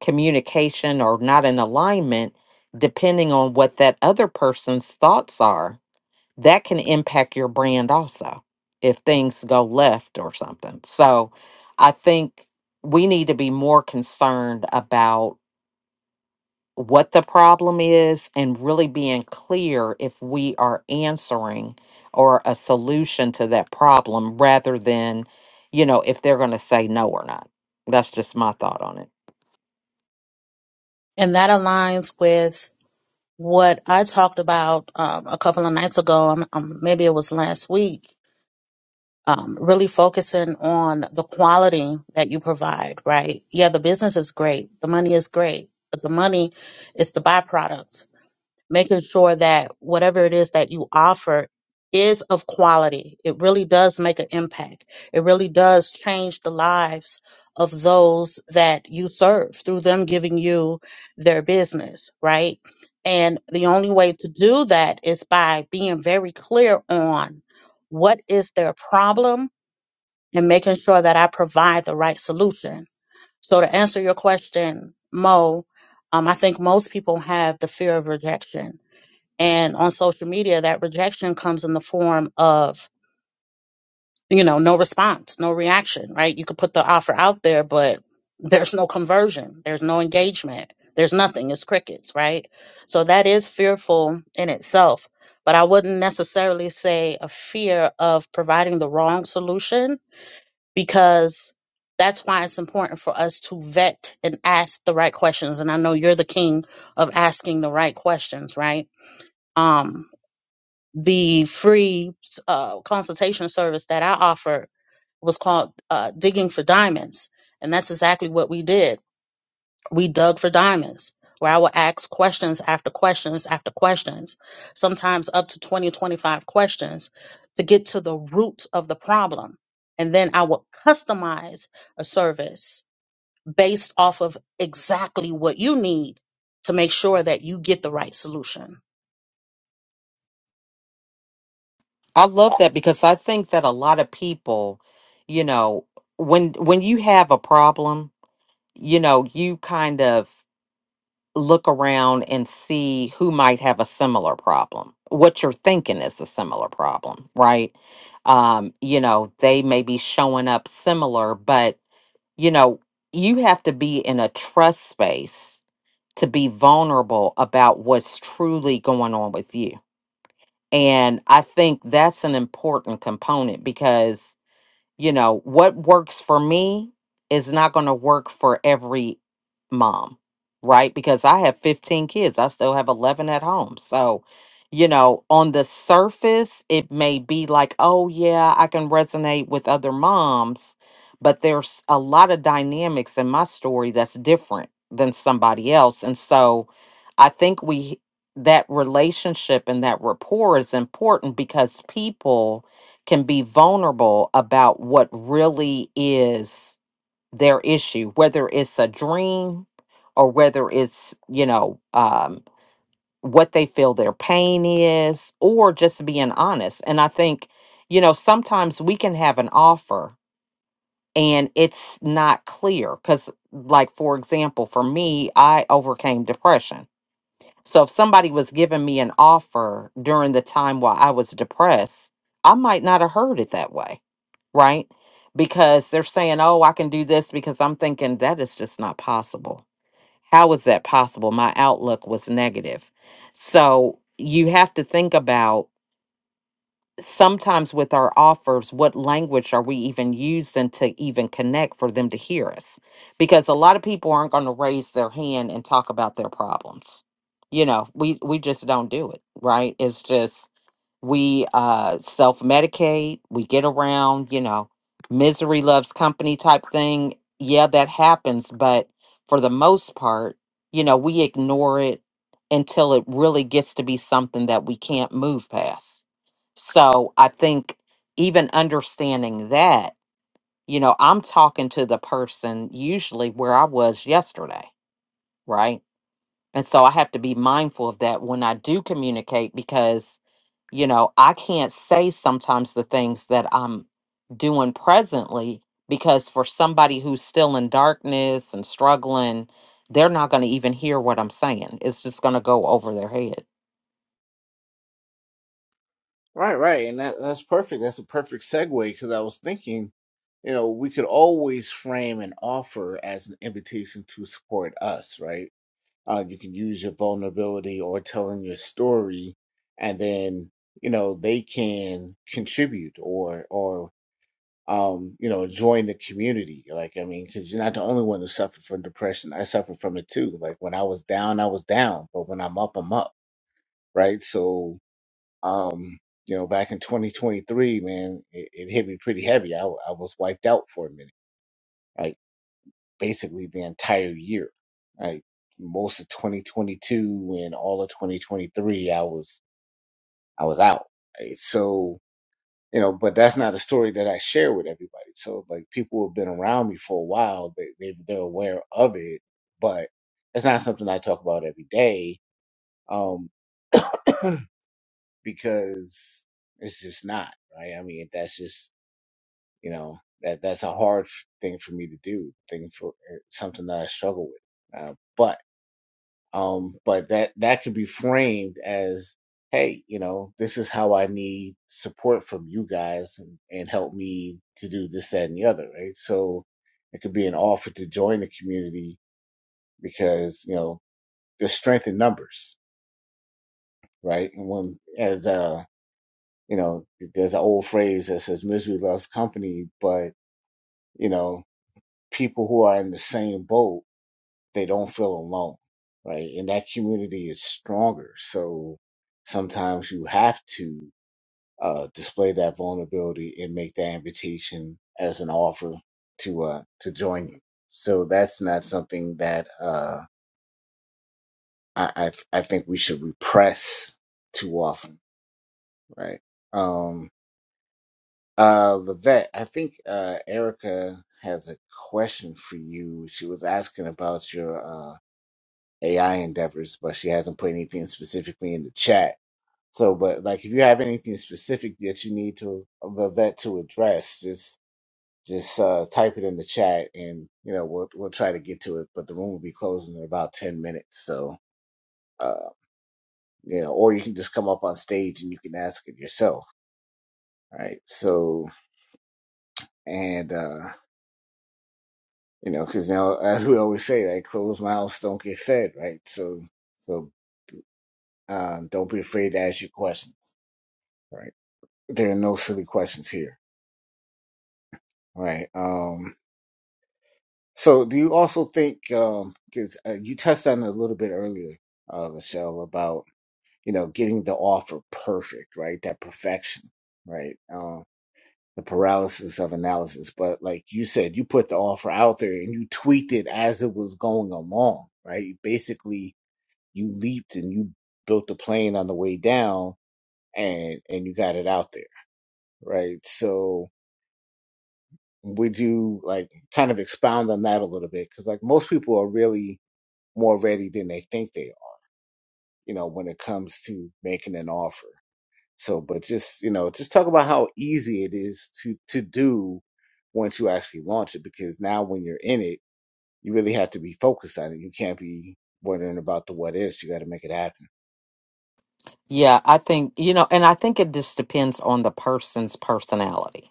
B: communication or not in alignment, depending on what that other person's thoughts are, that can impact your brand also if things go left or something. So I think we need to be more concerned about what the problem is and really being clear if we are answering or a solution to that problem rather than, you know, if they're going to say no or not. That's just my thought on it.
C: and that aligns with what I talked about um, a couple of nights ago. Um, um, maybe it was last week. Um, really focusing on the quality that you provide, right? Yeah, the business is great, the money is great, but the money is the byproduct making sure that whatever it is that you offer is of quality. It really does make an impact. It really does change the lives of those that you serve through them giving you their business, right? And the only way to do that is by being very clear on what is their problem and making sure that I provide the right solution. So to answer your question, Mo, um, I think most people have the fear of rejection and on social media, that rejection comes in the form of, you know, no response, no reaction, right? You could put the offer out there, but there's no conversion, there's no engagement, there's nothing, it's crickets, right? So that is fearful in itself. But I wouldn't necessarily say a fear of providing the wrong solution because that's why it's important for us to vet and ask the right questions. And I know you're the king of asking the right questions, right? Um, the free uh, consultation service that I offered was called uh, Digging for Diamonds. And that's exactly what we did. We dug for diamonds, where I would ask questions after questions after questions, sometimes up to 20 25 questions to get to the root of the problem. And then I would customize a service based off of exactly what you need to make sure that you get the right solution.
B: I love that because I think that a lot of people, you know, when when you have a problem, you know, you kind of look around and see who might have a similar problem. What you're thinking is a similar problem, right? Um, you know, they may be showing up similar, but you know, you have to be in a trust space to be vulnerable about what's truly going on with you and I think that's an important component because you know, what works for me is not going to work for every mom, right? Because I have 15 kids, I still have 11 at home. So, you know, on the surface, it may be like, oh, yeah, I can resonate with other moms, but there's a lot of dynamics in my story that's different than somebody else. And so I think we, that relationship and that rapport is important because people can be vulnerable about what really is their issue, whether it's a dream or whether it's, you know, um, what they feel their pain is, or just being honest. And I think, you know, sometimes we can have an offer and it's not clear. Because, like, for example, for me, I overcame depression. So if somebody was giving me an offer during the time while I was depressed, I might not have heard it that way right? Because they're saying, oh, I can do this because I'm thinking that is just not possible. How is that possible? My outlook was negative. So you have to think about sometimes with our offers, what language are we even using to even connect for them to hear us? Because a lot of people aren't going to raise their hand and talk about their problems. You know, we we just don't do it, right? It's just we uh self medicate we get around you know misery loves company type thing yeah that happens but for the most part you know we ignore it until it really gets to be something that we can't move past so i think even understanding that you know i'm talking to the person usually where i was yesterday right and so I have to be mindful of that when I do communicate because, you know, I can't say sometimes the things that I'm doing presently because for somebody who's still in darkness and struggling, they're not going to even hear what I'm saying. It's just going to go over their head.
A: Right, right. And that, that's perfect. That's a perfect segue because I was thinking, you know, we could always frame an offer as an invitation to support us, right? Uh, you can use your vulnerability or telling your story and then, you know, they can contribute or, or um, you know, join the community. Like, I mean, because you're not the only one who suffered from depression. I suffered from it too. Like when I was down, I was down, but when I'm up, I'm up, right? So, um, you know, back in 2023, man, it, it hit me pretty heavy. I, w- I was wiped out for a minute, like basically the entire year, like most of 2022 and all of 2023, I was I was out. Right? So, you know but that's not a story that i share with everybody so like people who have been around me for a while they, they they're aware of it but it's not something i talk about every day um because it's just not right i mean that's just you know that that's a hard f- thing for me to do thing for er, something that i struggle with uh, but um, but that that could be framed as hey you know this is how i need support from you guys and, and help me to do this that and the other right so it could be an offer to join the community because you know there's strength in numbers right and when as uh you know there's an old phrase that says misery loves company but you know people who are in the same boat they don't feel alone, right? And that community is stronger. So sometimes you have to uh, display that vulnerability and make that invitation as an offer to uh, to join you. So that's not something that uh, I, I I think we should repress too often, right? Um, uh, Levette, I think uh, Erica has a question for you. She was asking about your uh, AI endeavors, but she hasn't put anything specifically in the chat. So, but like if you have anything specific that you need to the vet to address, just just uh, type it in the chat, and you know we'll we'll try to get to it. But the room will be closing in about ten minutes, so uh, you know, or you can just come up on stage and you can ask it yourself, right? So and uh, you know, because now as we always say, like closed mouths don't get fed, right? So so um, don't be afraid to ask your questions, right? There are no silly questions here, right? Um, so, do you also think because uh, you touched on it a little bit earlier, uh, Michelle, about you know getting the offer perfect, right? That perfection, right? Um, the paralysis of analysis, but like you said, you put the offer out there and you tweaked it as it was going along, right? Basically, you leaped and you built the plane on the way down, and and you got it out there, right? So would you like kind of expound on that a little bit? Because like most people are really more ready than they think they are, you know, when it comes to making an offer. So, but just you know, just talk about how easy it is to to do once you actually launch it. Because now when you're in it, you really have to be focused on it. You can't be wondering about the what ifs. You got to make it happen.
B: Yeah, I think, you know, and I think it just depends on the person's personality.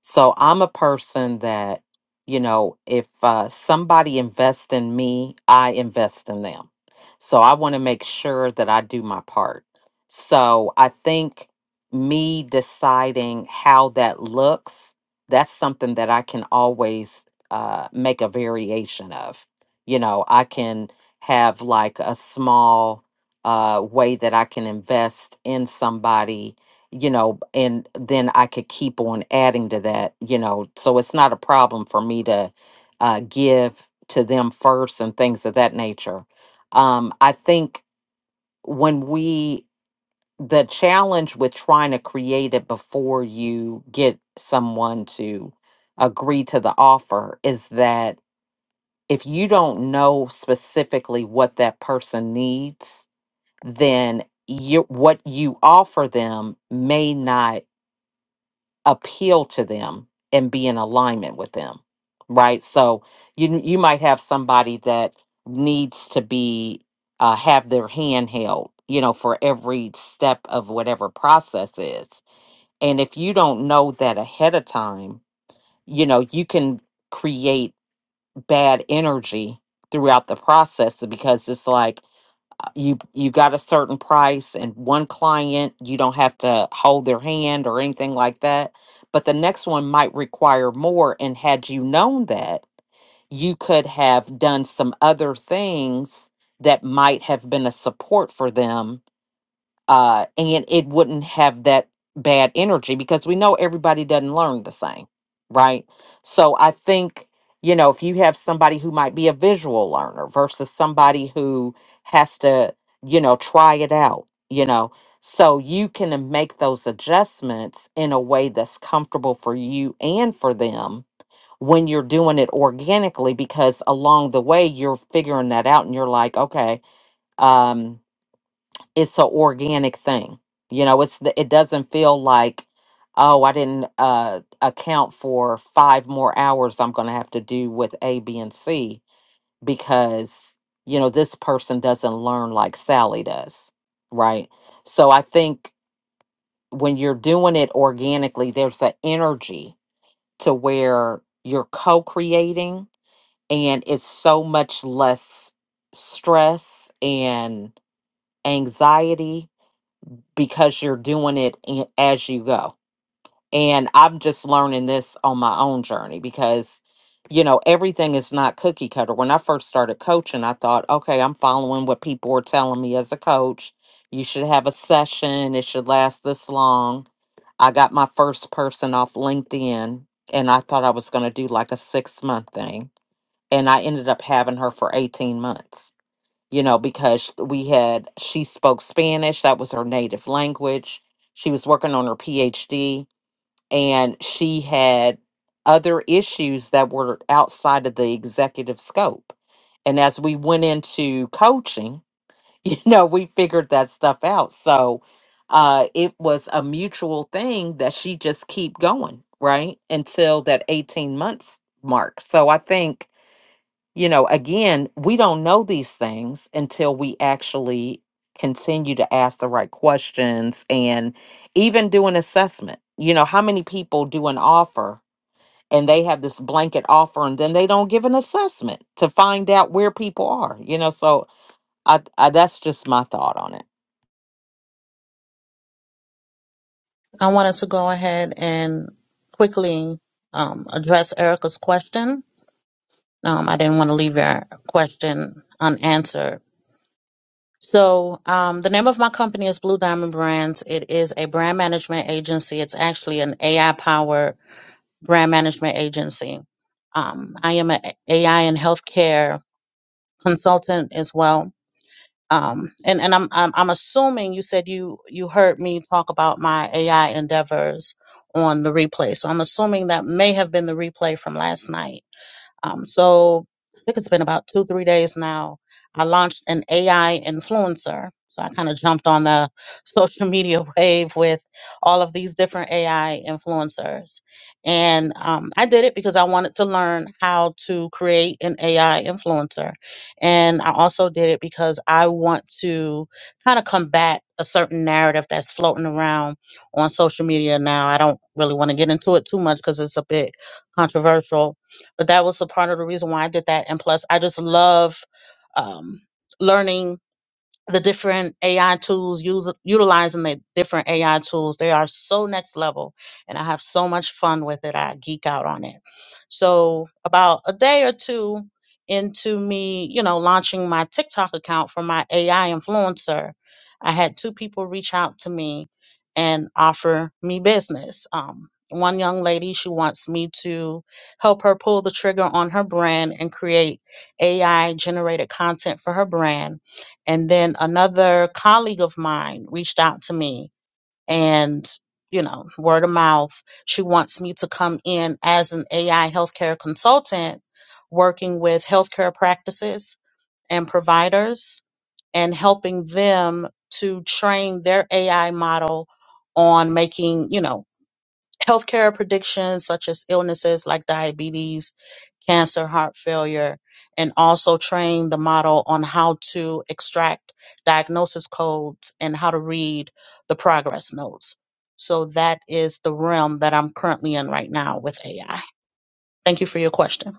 B: So I'm a person that, you know, if uh, somebody invests in me, I invest in them. So I want to make sure that I do my part. So I think me deciding how that looks, that's something that I can always uh, make a variation of. You know, I can have like a small uh, way that I can invest in somebody you know, and then I could keep on adding to that, you know. So it's not a problem for me to uh, give to them first and things of that nature. Um, I think when we, the challenge with trying to create it before you get someone to agree to the offer is that if you don't know specifically what that person needs, then you, what you offer them may not appeal to them and be in alignment with them right so you you might have somebody that needs to be uh, have their hand held you know for every step of whatever process is and if you don't know that ahead of time you know you can create bad energy throughout the process because it's like you you got a certain price and one client you don't have to hold their hand or anything like that but the next one might require more and had you known that you could have done some other things that might have been a support for them uh, and it wouldn't have that bad energy because we know everybody doesn't learn the same, right? So I think, you know, if you have somebody who might be a visual learner versus somebody who has to, you know, try it out, you know, so you can make those adjustments in a way that's comfortable for you and for them when you're doing it organically because along the way you're figuring that out and you're like okay um it's an organic thing. You know, it's the, it doesn't feel like, oh, I didn't uh, account for five more hours I'm going to have to do with A, B, and C because you know this person doesn't learn like Sally does, right? So I think when you're doing it organically, there's an energy to where you're co-creating, and it's so much less stress and anxiety because you're doing it a- as you go. And I'm just learning this on my own journey because, you know, everything is not cookie cutter. When I first started coaching, I thought, okay, I'm following what people were telling me as a coach. You should have a session, it should last this long. I got my first person off LinkedIn, and I thought I was going to do like a six month thing. And I ended up having her for 18 months you know, because we had, she spoke Spanish, that was her native language. She was working on her PhD, and she had other issues that were outside of the executive scope. And as we went into coaching, you know, we figured that stuff out. So uh, it was a mutual thing that she just keep going, right? Until that 18 months mark. So I think you know, again, we don't know these things until we actually continue to ask the right questions and even do an assessment. You know, how many people do an offer and they have this blanket offer and then they don't give an assessment to find out where people are, you know? So I, I that's just my thought on it.
C: I wanted to go ahead and quickly um, address Erica's question. Um, I didn't want to leave your question unanswered. So, um, the name of my company is Blue Diamond Brands. It is a brand management agency. It's actually an AI powered brand management agency. Um, I am an AI and healthcare consultant as well. um and and I'm, I'm i'm assuming you said you you heard me talk about my ai endeavors on the replay so i'm assuming that may have been the replay from last night um, so I think it's been about two, three days now. I launched an AI influencer. So I kind of jumped on the social media wave with all of these different AI influencers. And um, I did it because I wanted to learn how to create an AI influencer. And I also did it because I want to kind of combat a certain narrative that's floating around on social media now. I don't really want to get into it too much because it's a bit controversial but that was a part of the reason why I did that. And plus, I just love um, learning the different AI tools, use, utilizing the different AI tools, they are so next level. And I have so much fun with it. I geek out on it. So, about a day or two into me, you know, launching my TikTok account for my AI influencer, I had two people reach out to me and offer me business. Um, one young lady, she wants me to help her pull the trigger on her brand and create AI generated content for her brand and then another colleague of mine reached out to me and, you know, word of mouth, she wants me to come in as an AI healthcare consultant, working with healthcare practices and providers and helping them to train their AI model on making, you know, healthcare predictions such as illnesses like diabetes cancer, heart failure, and also train the model on how to extract diagnosis codes and how to read the progress notes. So that is the realm that I'm currently in right now with AI. Thank you for your question.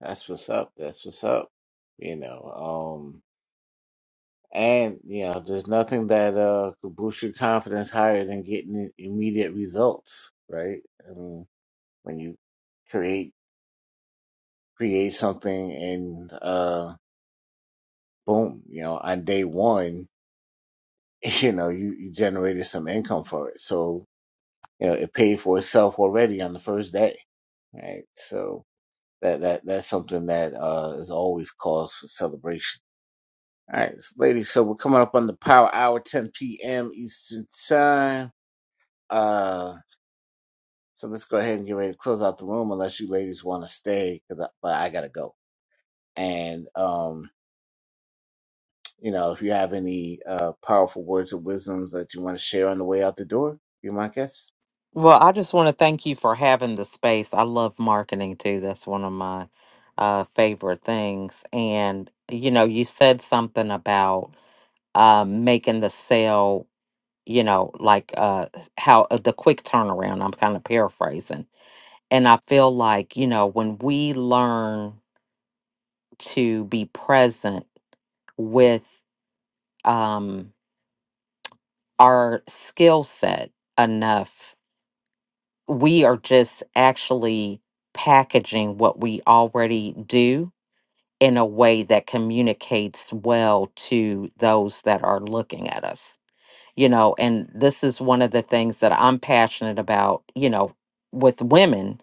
A: That's what's up. That's what's up. You know. um, And you know, there's nothing that uh could boost your confidence higher than getting i- immediate results, right? I mean, when you create create something and uh boom, you know, on day one, you know, you, you generated some income for it. So, you know, it paid for itself already on the first day, right? So that that that's something that uh is always cause for celebration. All right, ladies, so we're coming up on the power hour, ten PM Eastern time. Uh, So let's go ahead and get ready to close out the room, unless you ladies want to stay, because I, but I gotta go. And um, you know, if you have any uh, powerful words of wisdoms that you want to share on the way out the door, you're my guest.
B: Well, I just want to thank you for having the space. I love marketing too. That's one of my uh, favorite things. And, you know, you said something about um, making the sale, you know, like uh, s- how uh, the quick turnaround, I'm kind of paraphrasing. And I feel like, you know, when we learn to be present with um, our skill set enough we are just actually packaging what we already do in a way that communicates well to those that are looking at us you know and this is one of the things that i'm passionate about you know with women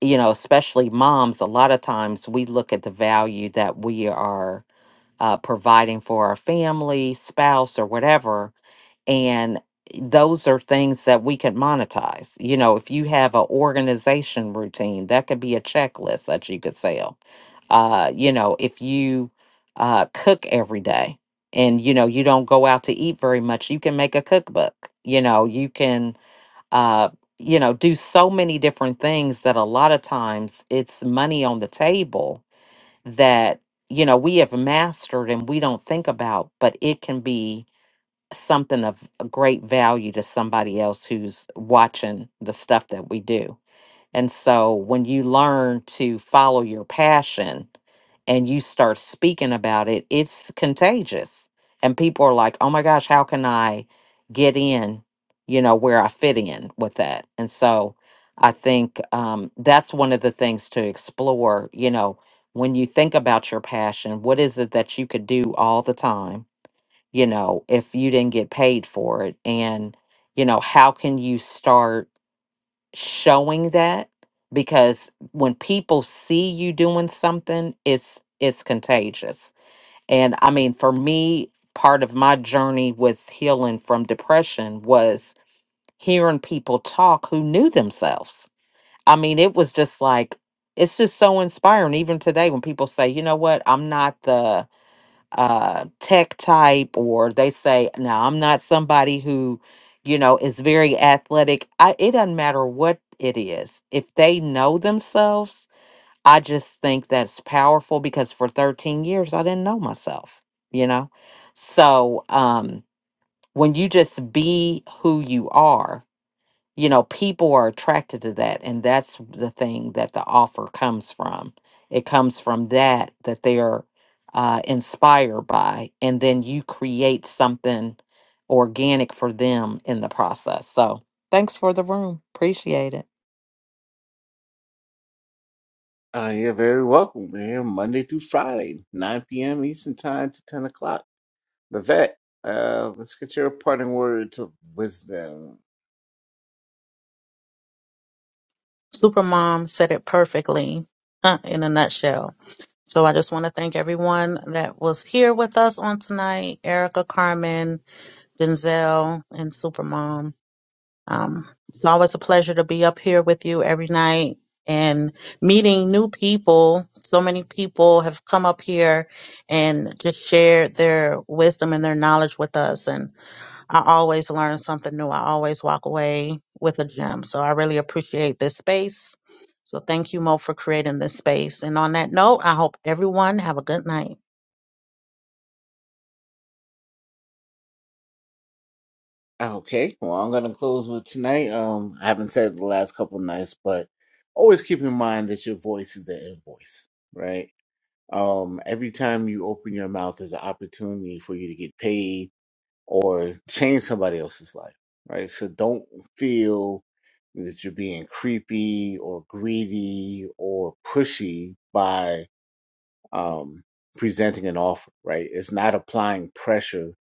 B: you know especially moms a lot of times we look at the value that we are uh, providing for our family spouse or whatever and those are things that we can monetize you know if you have an organization routine that could be a checklist that you could sell uh you know if you uh cook every day and you know you don't go out to eat very much you can make a cookbook you know you can uh you know do so many different things that a lot of times it's money on the table that you know we have mastered and we don't think about but it can be something of great value to somebody else who's watching the stuff that we do. And so when you learn to follow your passion and you start speaking about it, it's contagious. And people are like, oh my gosh, how can I get in, you know, where I fit in with that? And so I think um, that's one of the things to explore, you know, when you think about your passion, what is it that you could do all the time? you know, if you didn't get paid for it? And, you know, how can you start showing that? Because when people see you doing something, it's it's contagious. And I mean, for me, part of my journey with healing from depression was hearing people talk who knew themselves. I mean, it was just like it's just so inspiring even today when people say, "You know what? I'm not the uh tech type or they say now i'm not somebody who you know is very athletic i it doesn't matter what it is if they know themselves i just think that's powerful because for 13 years i didn't know myself you know so um when you just be who you are you know, people are attracted to that. And that's the thing that the offer comes from. It comes from that that they are uh, inspired by. And then you create something organic for them in the process. So thanks for the room. Appreciate it.
A: Uh, you're very welcome. We're here Monday through Friday, 9 p.m. Eastern Time to 10 o'clock. The vet, uh, let's get your parting words of wisdom.
C: Supermom said it perfectly huh, in a nutshell. So I just want to thank everyone that was here with us on tonight, Erica, Carmen, Denzel, and Supermom. Um, it's always a pleasure to be up here with you every night and meeting new people. So many people have come up here and just shared their wisdom and their knowledge with us. And I always learn something new. I always walk away with a gem. So I really appreciate this space. So thank you, Mo, for creating this space. And on that note, I hope everyone have a good night.
A: Okay, well, I'm gonna close with tonight. Um, I haven't said it the last couple of nights, but always keep in mind that your voice is the invoice, right? Um, every time you open your mouth is an opportunity for you to get paid or change somebody else's life, right? So don't feel that you're being creepy or greedy or pushy by um, presenting an offer, right? It's not applying pressure,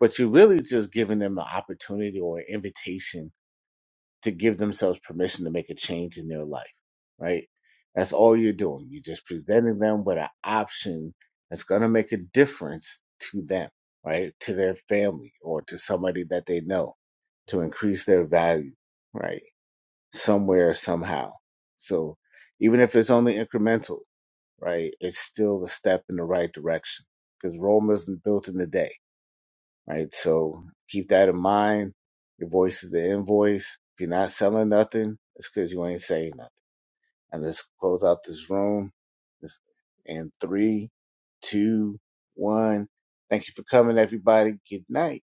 A: but you're really just giving them an opportunity or an invitation to give themselves permission to make a change in their life, right? That's all you're doing. You're just presenting them with an option that's going to make a difference to them, right? To their family or to somebody that they know to increase their value, right? Somewhere, somehow. So even if it's only incremental, right? It's still a step in the right direction because Rome isn't built in a day right? So keep that in mind. Your voice is the invoice. If you're not selling nothing, it's because you ain't saying nothing. And let's close out this room This- in three, two, one. Thank you for coming, everybody. Good night.